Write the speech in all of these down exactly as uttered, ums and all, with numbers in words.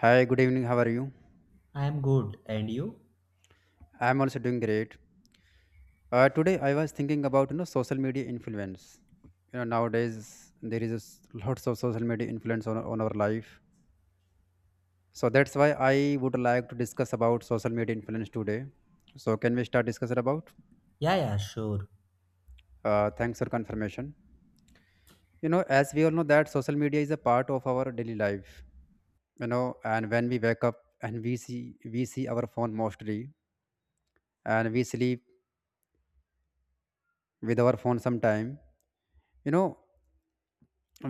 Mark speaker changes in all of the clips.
Speaker 1: Hi, good evening. How are you?
Speaker 2: I am good. And you?
Speaker 1: I'm also doing great. Uh, today I was thinking about you know social media influence. You know nowadays there is a s- lots of social media influence on on our life. So that's why I would like to discuss about social media influence today. So can we start discussing about?
Speaker 2: Yeah, yeah, sure.
Speaker 1: Uh, thanks for confirmation. You know, as we all know that social media is a part of our daily life. You know, and when we wake up and we see we see our phone mostly, and we sleep with our phone sometime. You know,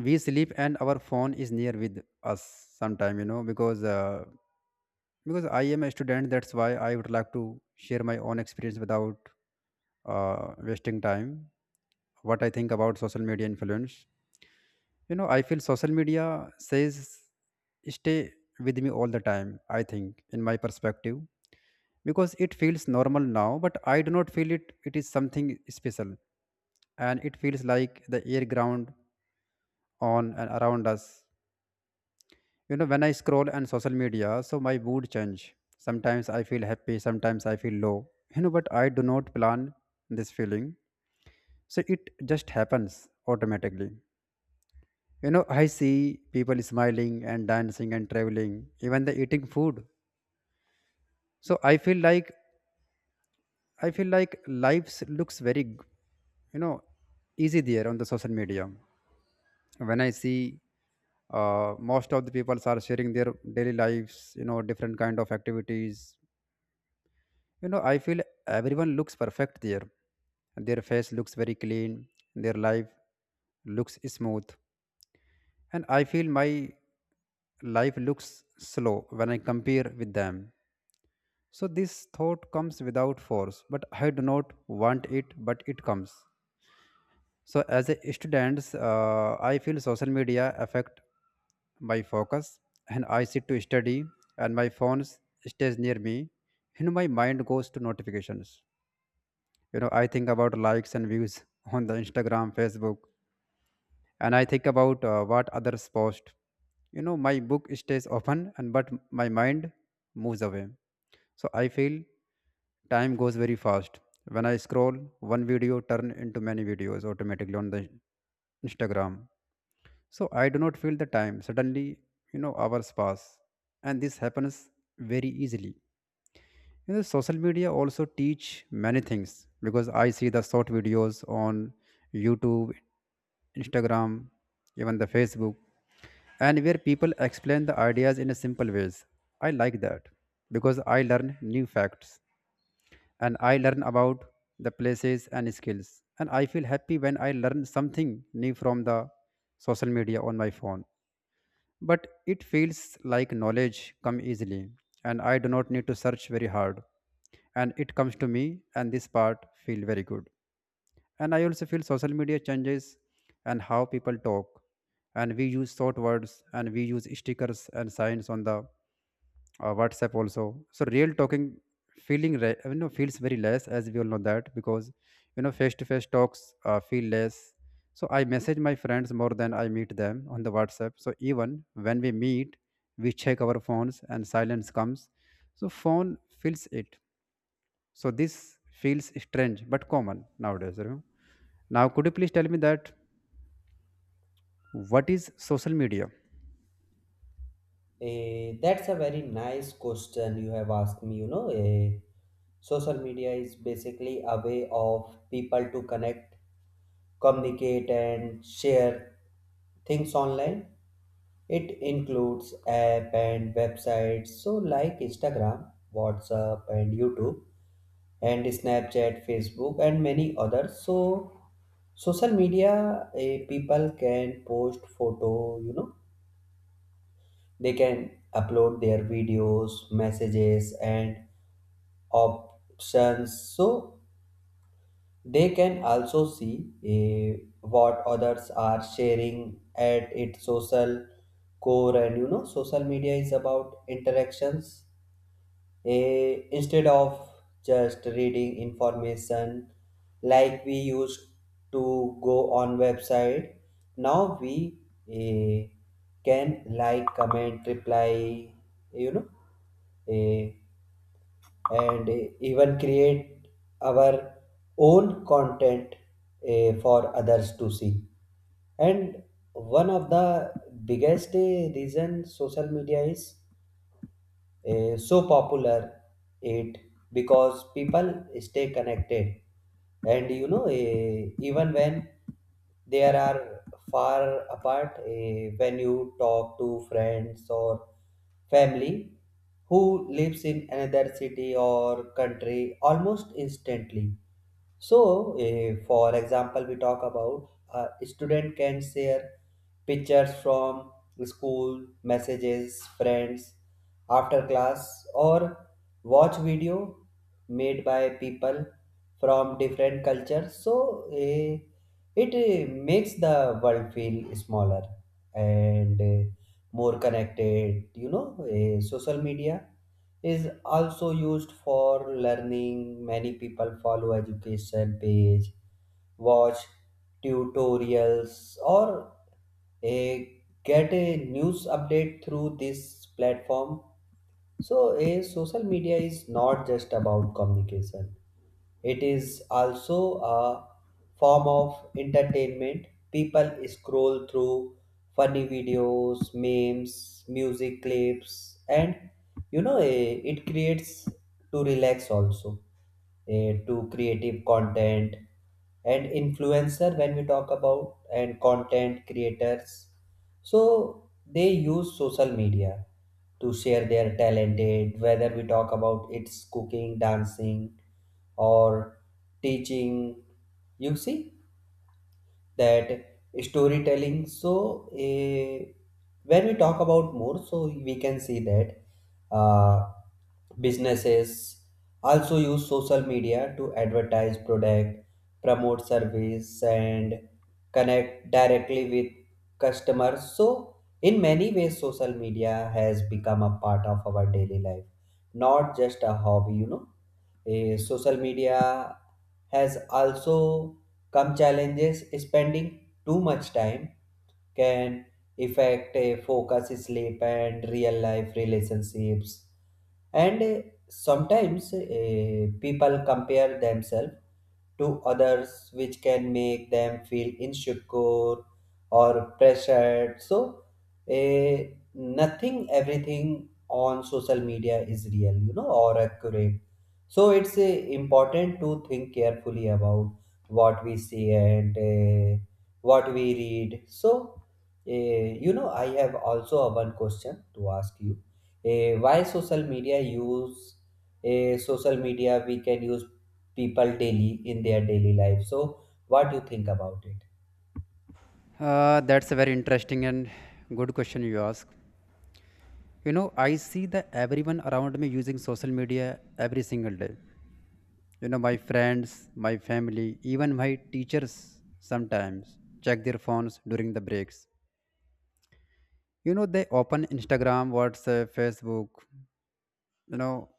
Speaker 1: we sleep and our phone is near with us sometime you know because uh, because I am a student. That's why I would like to share my own experience without uh, wasting time, what I think about social media influence. you know I feel social media says stay with me all the time, I think, in my perspective. Because it feels normal now, but I do not feel it it is something special. And it feels like the air, ground on and around us. You know, when I scroll on social media, so my mood change. Sometimes I feel happy, sometimes I feel low. You know, but I do not plan this feeling. So it just happens automatically. You know, I see people smiling and dancing and traveling, even the eating food. So I feel like I feel like life looks very, g- you know, easy there on the social media. When I see uh, most of the people are sharing their daily lives, you know, different kind of activities, You know, I feel everyone looks perfect there. Their face looks very clean, their life looks smooth. And I feel my life looks slow when I compare with them. So this thought comes without force, but I do not want it, but it comes. So as a student, uh, I feel social media affect my focus. And I sit to study and my phone stays near me. You know, my mind goes to notifications. you know I think about likes and views on the Instagram, Facebook. And I think about uh, what others post. You know my book stays open, and but my mind moves away. So I feel time goes very fast when I scroll. One video turn into many videos automatically on the Instagram. So I do not feel the time suddenly. You know hours pass, and this happens very easily. You know, social media also teach many things because I see the short videos on YouTube, Instagram, even the Facebook, and where people explain the ideas in a simple ways. I like that because I learn new facts and I learn about the places and skills. And I feel happy when I learn something new from the social media on my phone. But it feels like knowledge come easily, and I do not need to search very hard, and it comes to me, and this part feel very good. And I also feel social media changes and how people talk. And we use short words and we use stickers and signs on the uh, WhatsApp also. So real talking feeling re- you know feels very less, as we all know that. Because you know face to face talks uh, feel less. So I message my friends more than I meet them on the WhatsApp. So even when we meet, we check our phones and silence comes. So phone fills it, so this feels strange but common nowadays. you know. Now, could you please tell me that what is social media?
Speaker 2: Eh, that's a very nice question you have asked me. You know, eh, social media is basically a way of people to connect, communicate, and share things online. It includes app and websites, so like Instagram, WhatsApp, and YouTube, and Snapchat, Facebook, and many others. So social media eh, people can post photo you know They can upload their videos, messages, and options so they can also see eh, what others are sharing at its social core. And you know, social media is about interactions eh, instead of just reading information like we used to go on website, now we eh, can like comment reply, you know eh, and eh, even create our own content eh, for others to see. And one of the biggest eh, reason social media is eh, so popular it because people stay connected. And you know eh, even when they are far apart, eh, when you talk to friends or family who lives in another city or country almost instantly. So, eh, for example, we talk about a student can share pictures from school, messages, friends, after class, or watch video made by people from different cultures. So eh, it eh, makes the world feel smaller and eh, more connected. You know eh, social media is also used for learning. Many people follow education page, watch tutorials, or a get a news update through this platform. So, a social media is not just about communication. It is also a form of entertainment. People scroll through funny videos, memes, music clips, and you know, eh, it creates to relax also, eh, to creative content and influencer when we talk about and content creators. So they use social media to share their talented whether we talk about it's cooking, dancing, or teaching. You see that storytelling. So eh, when we talk about more, so we can see that uh, businesses also use social media to advertise product, promote service, and connect directly with customers. So in many ways social media has become a part of our daily life, not just a hobby, you know. Eh, social media has also come challenges. Spending too much time can affect eh, focus, sleep, and real life relationships. And eh, sometimes eh, people compare themselves to others, which can make them feel insecure or pressured. So, eh, nothing, everything on social media is real, you know, or accurate. So, it's eh, important to think carefully about what we see and eh, what we read. So, eh, you know, I have also a one question to ask you. Eh, why social media use? Eh, social media we can use people daily in their daily life, so what do you think about it?
Speaker 1: Uh, that's a very interesting and good question you ask. You know, I see that everyone around me using social media every single day. You know, my friends, my family, even my teachers sometimes check their phones during the breaks. You know, they open Instagram, WhatsApp, Facebook, you know,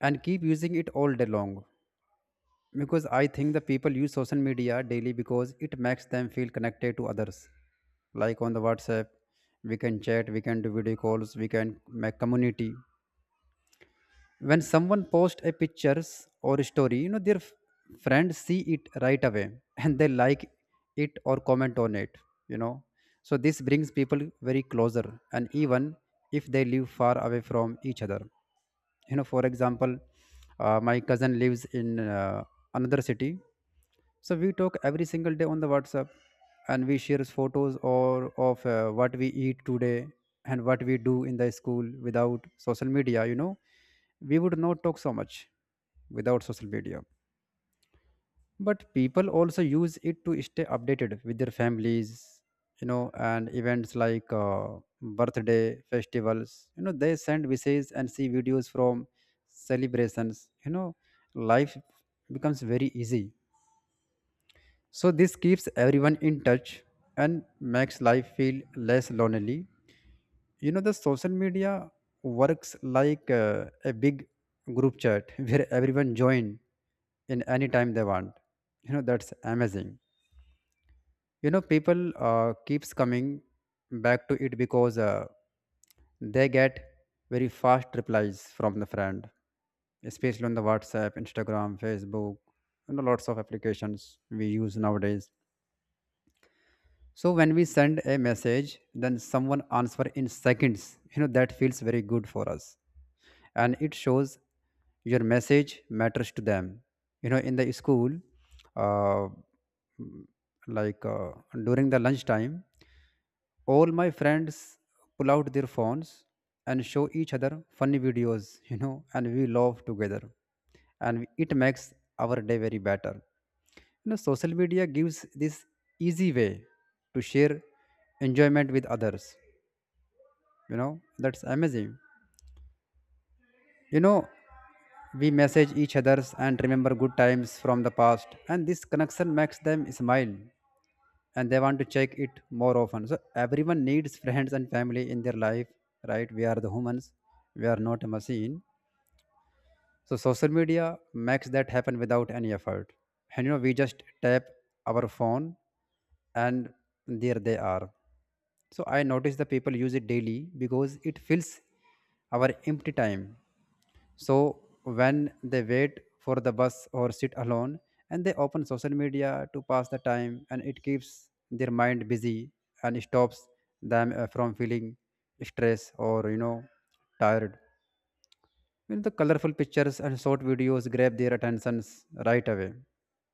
Speaker 1: and keep using it all day long. Because I think the people use social media daily because it makes them feel connected to others. Like on the WhatsApp, we can chat, we can do video calls, we can make community. When someone posts a pictures or a story, you know their f- friends see it right away and they like it or comment on it. You know, so this brings people very closer, and even if they live far away from each other. You know for example, uh, my cousin lives in uh, another city. So we talk every single day on the WhatsApp, and we share photos or of uh, what we eat today and what we do in the school without social media. You know, we would not talk so much without social media. But people also use it to stay updated with their families, you know, and events like uh, birthday festivals. You know, they send messages and see videos from celebrations. You know, life becomes very easy, so this keeps everyone in touch and makes life feel less lonely. You know, the social media works like uh, a big group chat where everyone join in any time they want. You know, that's amazing. You know, people uh, keeps coming back to it because uh, they get very fast replies from the friend, especially on the WhatsApp, Instagram, Facebook, and lots of applications we use nowadays. So when we send a message, then someone answer in seconds. You know that feels very good for us, and it shows your message matters to them. You know, in the school, uh, like uh, during the lunchtime, all my friends pull out their phones and show each other funny videos you know and we laugh together, and it makes our day very better. You know social media gives this easy way to share enjoyment with others. You know that's amazing. you know we message each others and remember good times from the past, and this connection makes them smile, and they want to check it more often. So everyone needs friends and family in their life, right? We are the humans, we are not a machine. So social media makes that happen without any effort. And you know, we just tap our phone, and there they are. So I notice the people use it daily because it fills our empty time, so when they wait for the bus or sit alone, and they open social media to pass the time, and it keeps their mind busy and stops them uh, from feeling stress or you know tired. You know, the colorful pictures and short videos grab their attentions right away,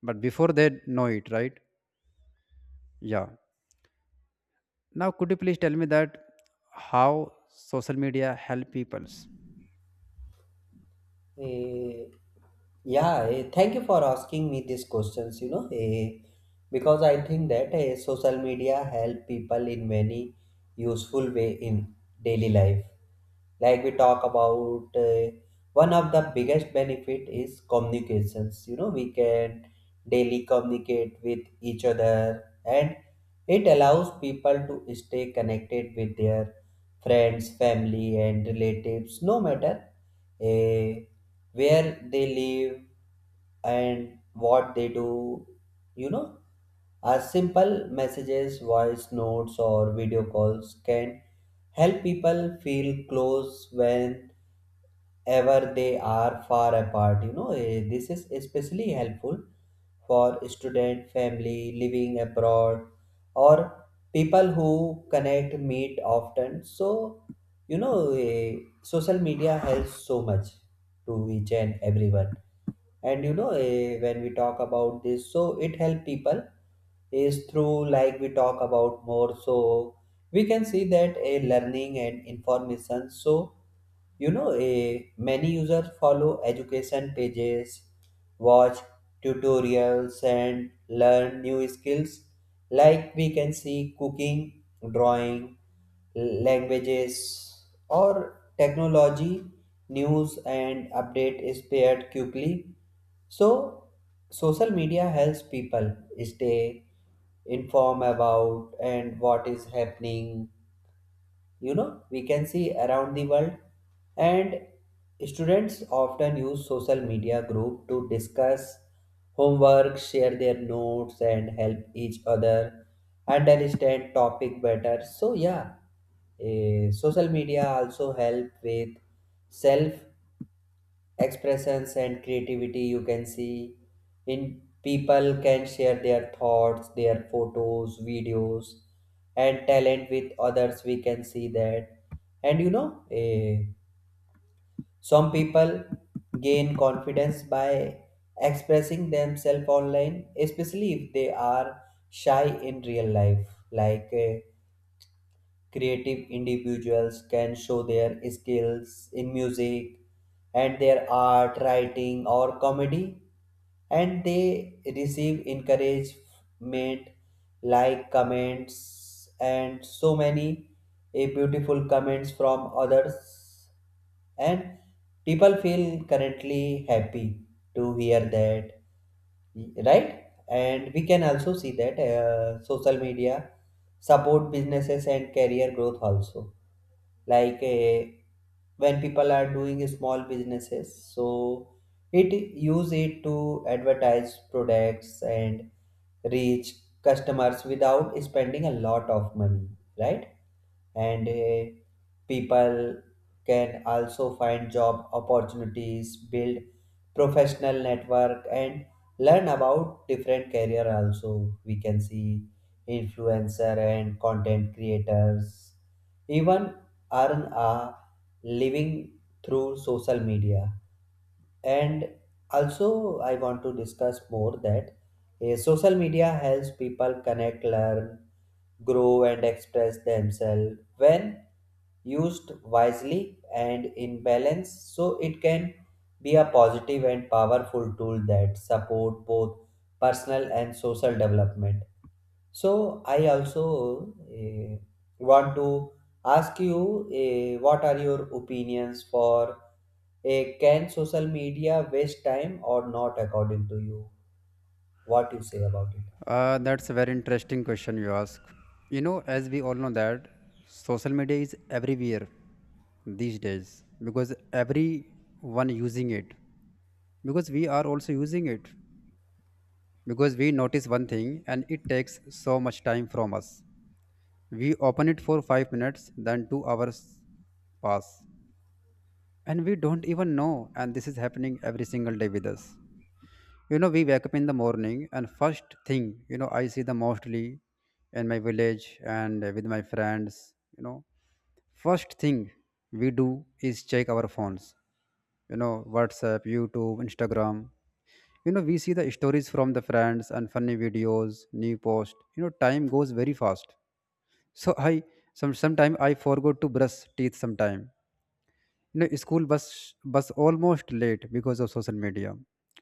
Speaker 1: but before they know it, right? Yeah. Now, could you please tell me that how social media help peoples?
Speaker 2: Eh, yeah, eh, thank you for asking me these questions, you know, eh, because I think that eh, social media help people in many useful way in daily life. Like we talk about, eh, one of the biggest benefit is communications. You know, we can daily communicate with each other and it allows people to stay connected with their friends, family and relatives, no matter eh, where they live and what they do. You know, a simple messages, voice notes, or video calls can help people feel close whenever they are far apart. You know Eh, this is especially helpful for student family living abroad or people who connect meet often. So you know eh, social media helps so much to each and everyone. And you know eh, when we talk about this, so it help people is through, like we talk about more, so we can see that a learning and information. So you know, eh, many users follow education pages, watch tutorials, and learn new skills. Like we can see cooking, drawing, languages, or technology. News and update is paired quickly. So, social media helps people stay informed about and what is happening. You know, we can see around the world, and students often use social media group to discuss homework, share their notes, and help each other understand topic better. So yeah, eh, social media also help with self expressions and creativity. You can see in people can share their thoughts, their photos, videos, and talent with others, we can see that. And you know eh, some people gain confidence by expressing themselves online, especially if they are shy in real life. Like eh, creative individuals can show their skills in music and their art, writing, or comedy, and they receive encouragement like comments and so many eh, beautiful comments from others, and people feel currently happy to hear that, right? And we can also see that uh, social media support businesses and career growth also. Like uh, when people are doing small businesses, so it use it to advertise products and reach customers without spending a lot of money, right? And uh, people can also find job opportunities, build professional network, and learn about different career. Also we can see influencer and content creators even earn a living through social media. And also I want to discuss more that eh, social media helps people connect, learn, grow, and express themselves when used wisely and in balance. So it can be a positive and powerful tool that support both personal and social development. So I also eh, want to ask you eh, what are your opinions for, eh, can social media waste time or not according to you? What you say about it?
Speaker 1: Uh, that's a very interesting question you ask. You know, as we all know that social media is everywhere these days because everyone using it. Because we are also using it. Because we notice one thing and it takes so much time from us. We open it for five minutes, then two hours pass. And we don't even know, and this is happening every single day with us. You know, we wake up in the morning, and first thing, you know, I see the mostly in my village and with my friends. You know, first thing we do is check our phones, you know, WhatsApp, YouTube, Instagram. You know, we see the stories from the friends and funny videos, new post. You know, time goes very fast. So I some sometime I forgot to brush teeth sometime. You know school bus bus almost late because of social media,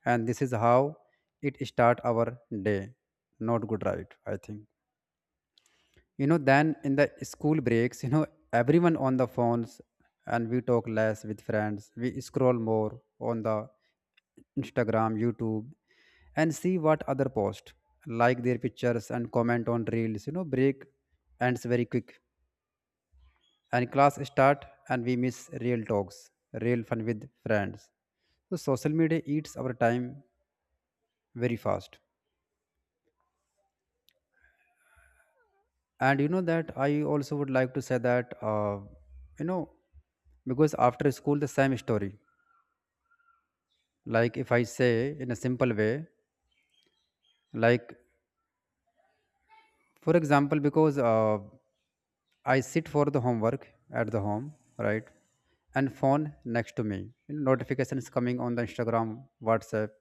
Speaker 1: and this is how it start our day. Not good, right? I think. You know then in the school breaks, you know everyone on the phones, and we talk less with friends, we scroll more on the Instagram, YouTube, and see what other post, like their pictures and comment on reels. You know break ends very quick, and class start, and we miss real talks, real fun with friends. So social media eats our time very fast. And you know that I also would like to say that uh, you know because after school the same story. Like if I say in a simple way, like for example, because uh, I sit for the homework at the home, right? And phone next to me. You know, notifications coming on the Instagram, WhatsApp.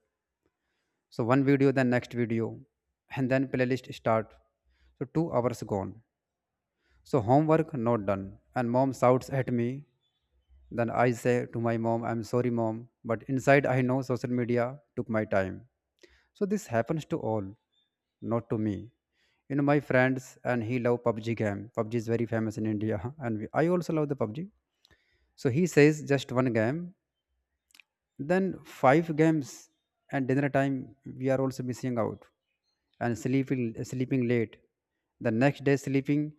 Speaker 1: So one video, then next video, and then playlist start, so two hours gone, so homework not done, and mom shouts at me. Then I say to my mom, I'm sorry mom, but inside I know social media took my time. So this happens to all, not to me. You know my friends and he love PUBG game. PUBG is very famous in India and we, I also love the PUBG. So he says just one game, then five games, and dinner time we are also missing out, and sleeping sleeping late. The next day sleeping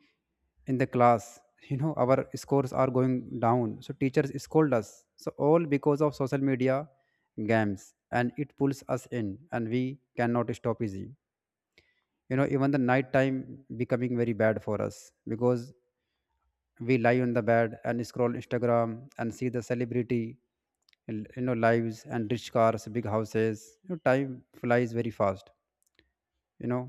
Speaker 1: in the class. You know our scores are going down. So teachers scold us. So all because of social media games, and it pulls us in and we cannot stop easy. You know even the night time becoming very bad for us, because we lie on the bed and scroll instagram and see the celebrity l- you know lives and rich cars, big houses. You know, time flies very fast. you know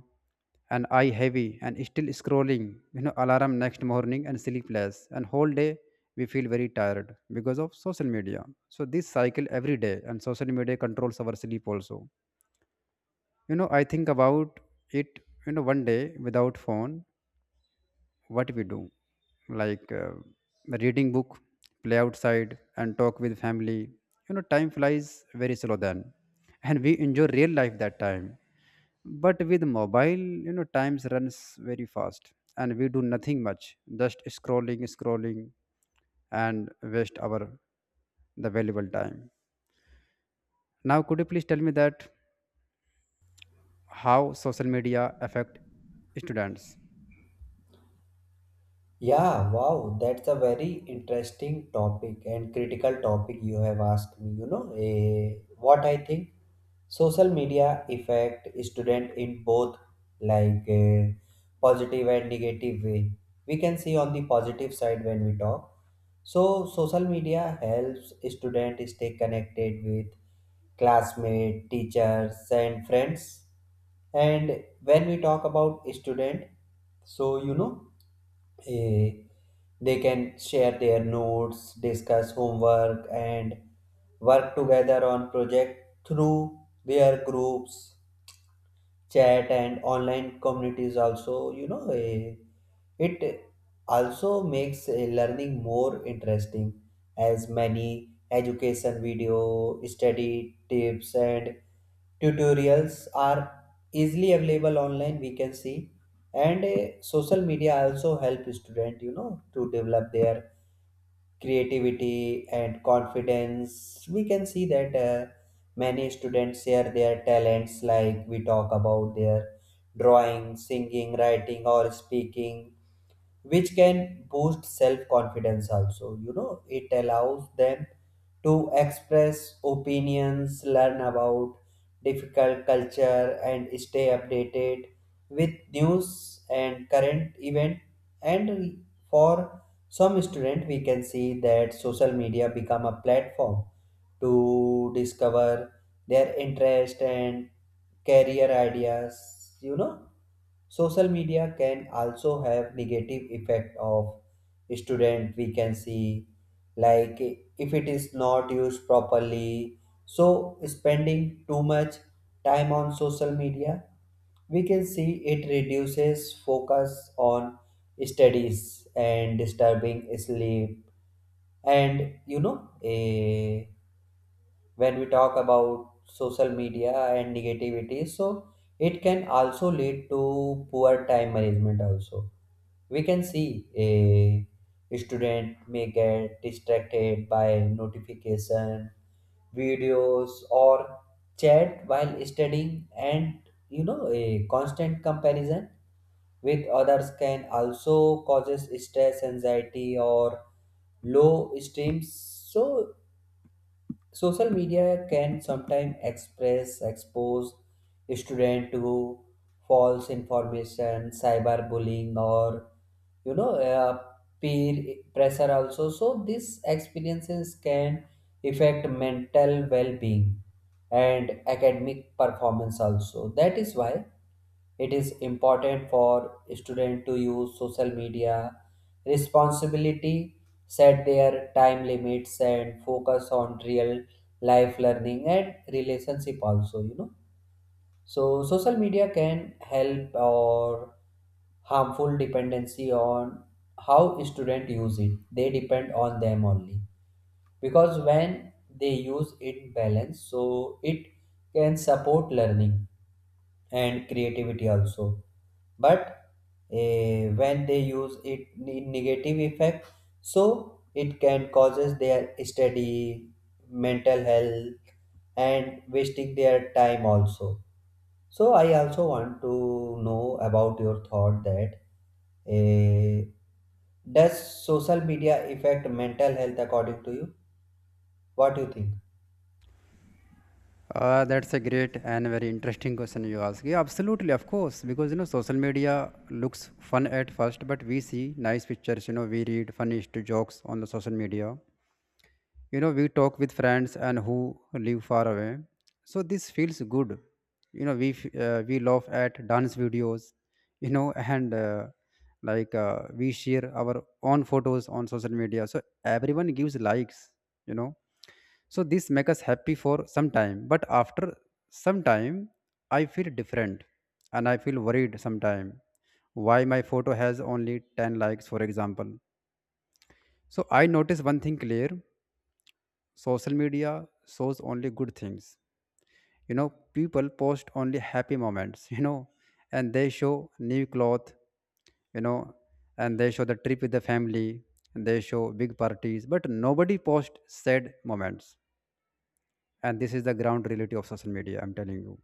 Speaker 1: and eye heavy and still scrolling. You know alarm next morning and sleepless, and whole day we feel very tired because of social media. So this cycle every day, and social media controls our sleep also. you know I think about it. You know one day without phone, what we do? Like uh, reading book, play outside, and talk with family. You know time flies very slow then. And we enjoy real life that time. But with mobile, you know times runs very fast, and we do nothing much. Just scrolling scrolling, and waste our the valuable time. Now, could you please tell me that how social media affect students?
Speaker 2: Yeah, wow, that's a very interesting topic and critical topic you have asked me. You know, eh, what I think social media affect student in both like eh, positive and negative way. We can see on the positive side when we talk. So social media helps students stay connected with classmates, teachers, and friends. And when we talk about student, so you know, eh, they can share their notes, discuss homework, and work together on project through their groups, chat, and online communities also. You know, eh, it also makes uh, learning more interesting as many education video, study tips, and tutorials are easily available online, we can see. And uh, social media also help student, you know, to develop their creativity and confidence, we can see that. Uh, many students share their talents, like we talk about their drawing, singing, writing, or speaking, which can boost self confidence also. You know, it allows them to express opinions, learn about difficult culture, and stay updated with news and current event. And for some student we can see that social media become a platform to discover their interest and career ideas. You know, social media can also have negative effect of student, we can see, like if it is not used properly. So spending too much time on social media, we can see it reduces focus on studies and disturbing sleep. And you know eh, when we talk about social media and negativity, so it can also lead to poor time management also. We can see a student may get distracted by notification, videos, or chat while studying. And you know a constant comparison with others can also causes stress, anxiety, or low esteems. So social media can sometimes express expose student to false information, cyberbullying, or you know uh, peer pressure also. So these experiences can affect mental well-being and academic performance also. That is why it is important for student to use social media responsibility, set their time limits, and focus on real life learning and relationship also, you know. So social media can help or harmful dependency on how student use it. They depend on them only because when they use it balance, so it can support learning and creativity also. But eh, when they use it in negative effect, so it can causes their study, mental health, and wasting their time also. So I also want to know about your thought that eh, does social media affect mental health according to you? What do you think?
Speaker 1: Uh, that's a great and very interesting question you ask. Yeah, absolutely, of course, because you know social media looks fun at first, but we see nice pictures. You know, we read funny st- jokes on the social media. You know, we talk with friends and who live far away, so this feels good. You know, we f- uh, we laugh at dance videos. You know, and uh, like uh, we share our own photos on social media, so everyone gives likes. You know so this makes us happy for some time, but after some time, I feel different and I feel worried sometime. Why my photo has only ten likes, for example. So I notice one thing clear: social media shows only good things. You know, people post only happy moments, you know, and they show new cloth, you know, and they show the trip with the family, and they show big parties, but nobody posts sad moments. And this is the ground reality of social media, I'm telling you.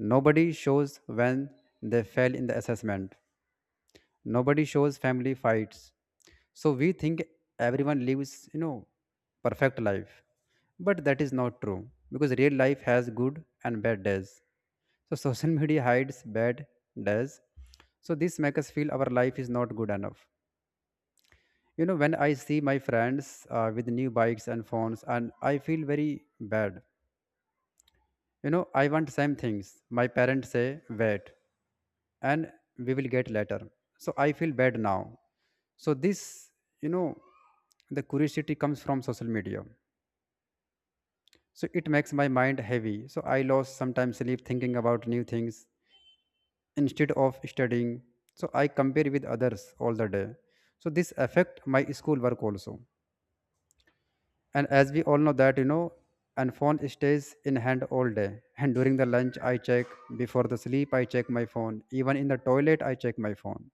Speaker 1: Nobody shows when they fail in the assessment. Nobody shows family fights. So we think everyone lives you know perfect life, but that is not true because real life has good and bad days. So social media hides bad days. So this makes us feel our life is not good enough. You know when I see my friends uh, with new bikes and phones, and I feel very bad. you know I want same things. My parents say wait, and we will get later. So I feel bad now. So this, you know the curiosity comes from social media. So it makes my mind heavy. So I lost sometimes sleep thinking about new things instead of studying. So I compare with others all the day. So this affect my school work also. And as we all know that, you know and phone stays in hand all day. And during the lunch I check, before the sleep I check my phone, even in the toilet I check my phone.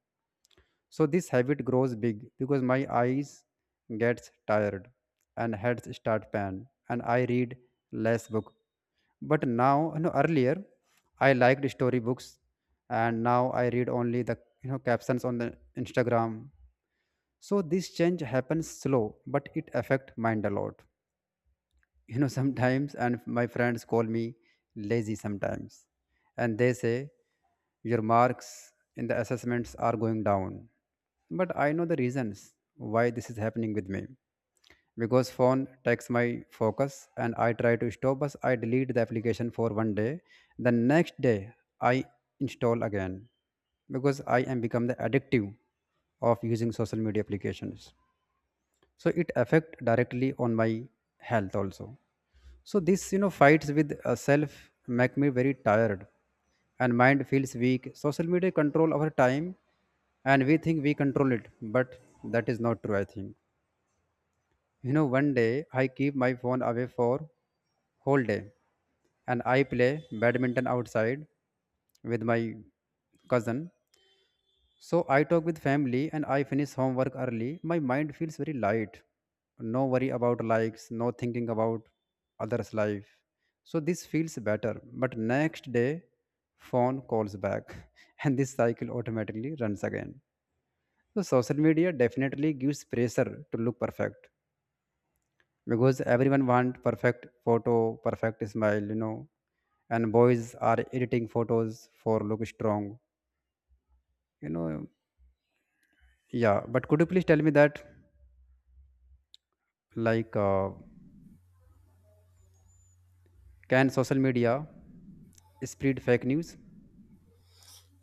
Speaker 1: So this habit grows big because my eyes gets tired and heads start pain, and I read less book. But now, you know earlier I liked story books, and now I read only the you know captions on the instagram. So this change happens slow but it affect mind a lot. You know sometimes, and my friends call me lazy sometimes, and they say your marks in the assessments are going down. But I know the reasons why this is happening with me, because phone takes my focus. And I try to stop, but I delete the application for one day. The next day I install again, because I am become the addictive of using social media applications. So it affect directly on my health also. So this, you know fights with uh, self, make me very tired, and mind feels weak. Social media control our time, and we think we control it, but that is not true I think. You know one day I keep my phone away for whole day, and I play badminton outside with my cousin. So I talk with family and I finish homework early. My mind feels very light. No worry about likes, no thinking about others' life. So this feels better. But next day, phone calls back and this cycle automatically runs again. So social media definitely gives pressure to look perfect, because everyone wants perfect photo, perfect smile, you know, and boys are editing photos for look strong, you know. Yeah, but could you please tell me that? Like uh, can social media spread fake news?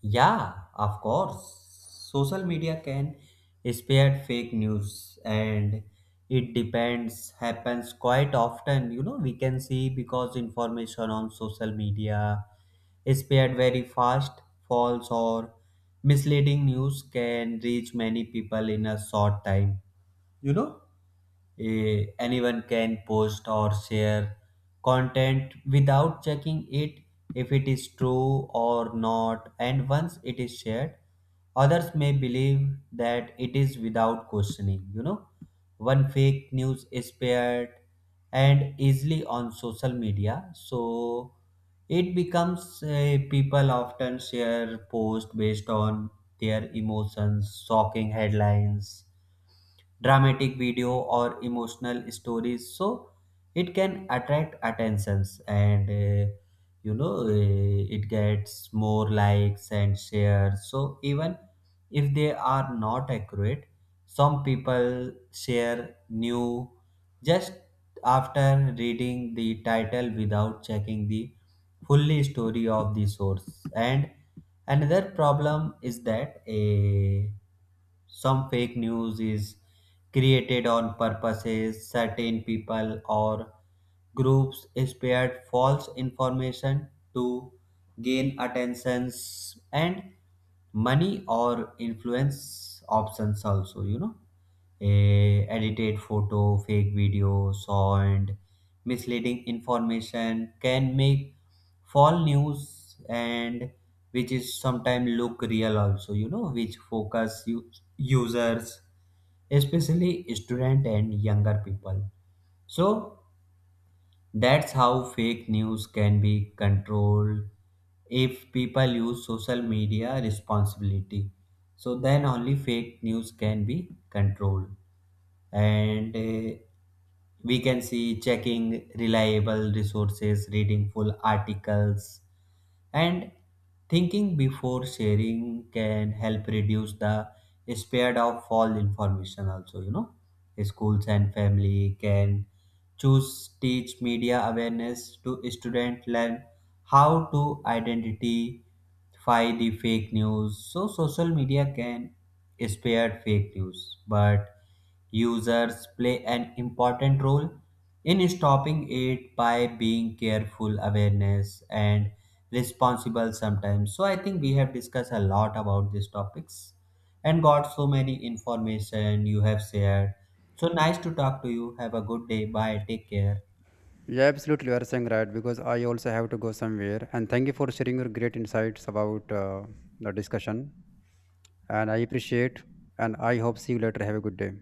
Speaker 2: Yeah, of course. Social media can spread fake news, and it depends happens quite often. You know, we can see because information on social media is spread very fast, false or misleading news can reach many people in a short time. You know? Eh, anyone can post or share content without checking it if it is true or not. And once it is shared, others may believe that it is without questioning. You know, one fake news is spread and easily on social media so it becomes uh, people often share post based on their emotions, shocking headlines, dramatic video, or emotional stories. So it can attract attentions, and uh, you know uh, it gets more likes and shares. So even if they are not accurate, some people share new just after reading the title without checking the fully story of the source. And another problem is that a some fake news is created on purposes, certain people or groups spared false information to gain attentions and money or influence options also. You know, a edited photo, fake video sound, misleading information can make false news, and which is sometimes look real also, you know, which focus u- users, especially student and younger people. So that's how fake news can be controlled if people use social media responsibility. So then only fake news can be controlled. And uh, we can see checking reliable resources, reading full articles, and thinking before sharing can help reduce the spread of false information also. You know, schools and family can choose teach media awareness to student learn how to identify the fake news. So social media can spread fake news, but users play an important role in stopping it by being careful, awareness, and responsible sometimes. So I think we have discussed a lot about these topics and got so many information you have shared. So nice to talk to you, have a good day, bye, take care.
Speaker 1: Yeah, absolutely, you are saying right, because I also have to go somewhere. And thank you for sharing your great insights about uh, the discussion. And I appreciate. And I hope see you later. Have a good day.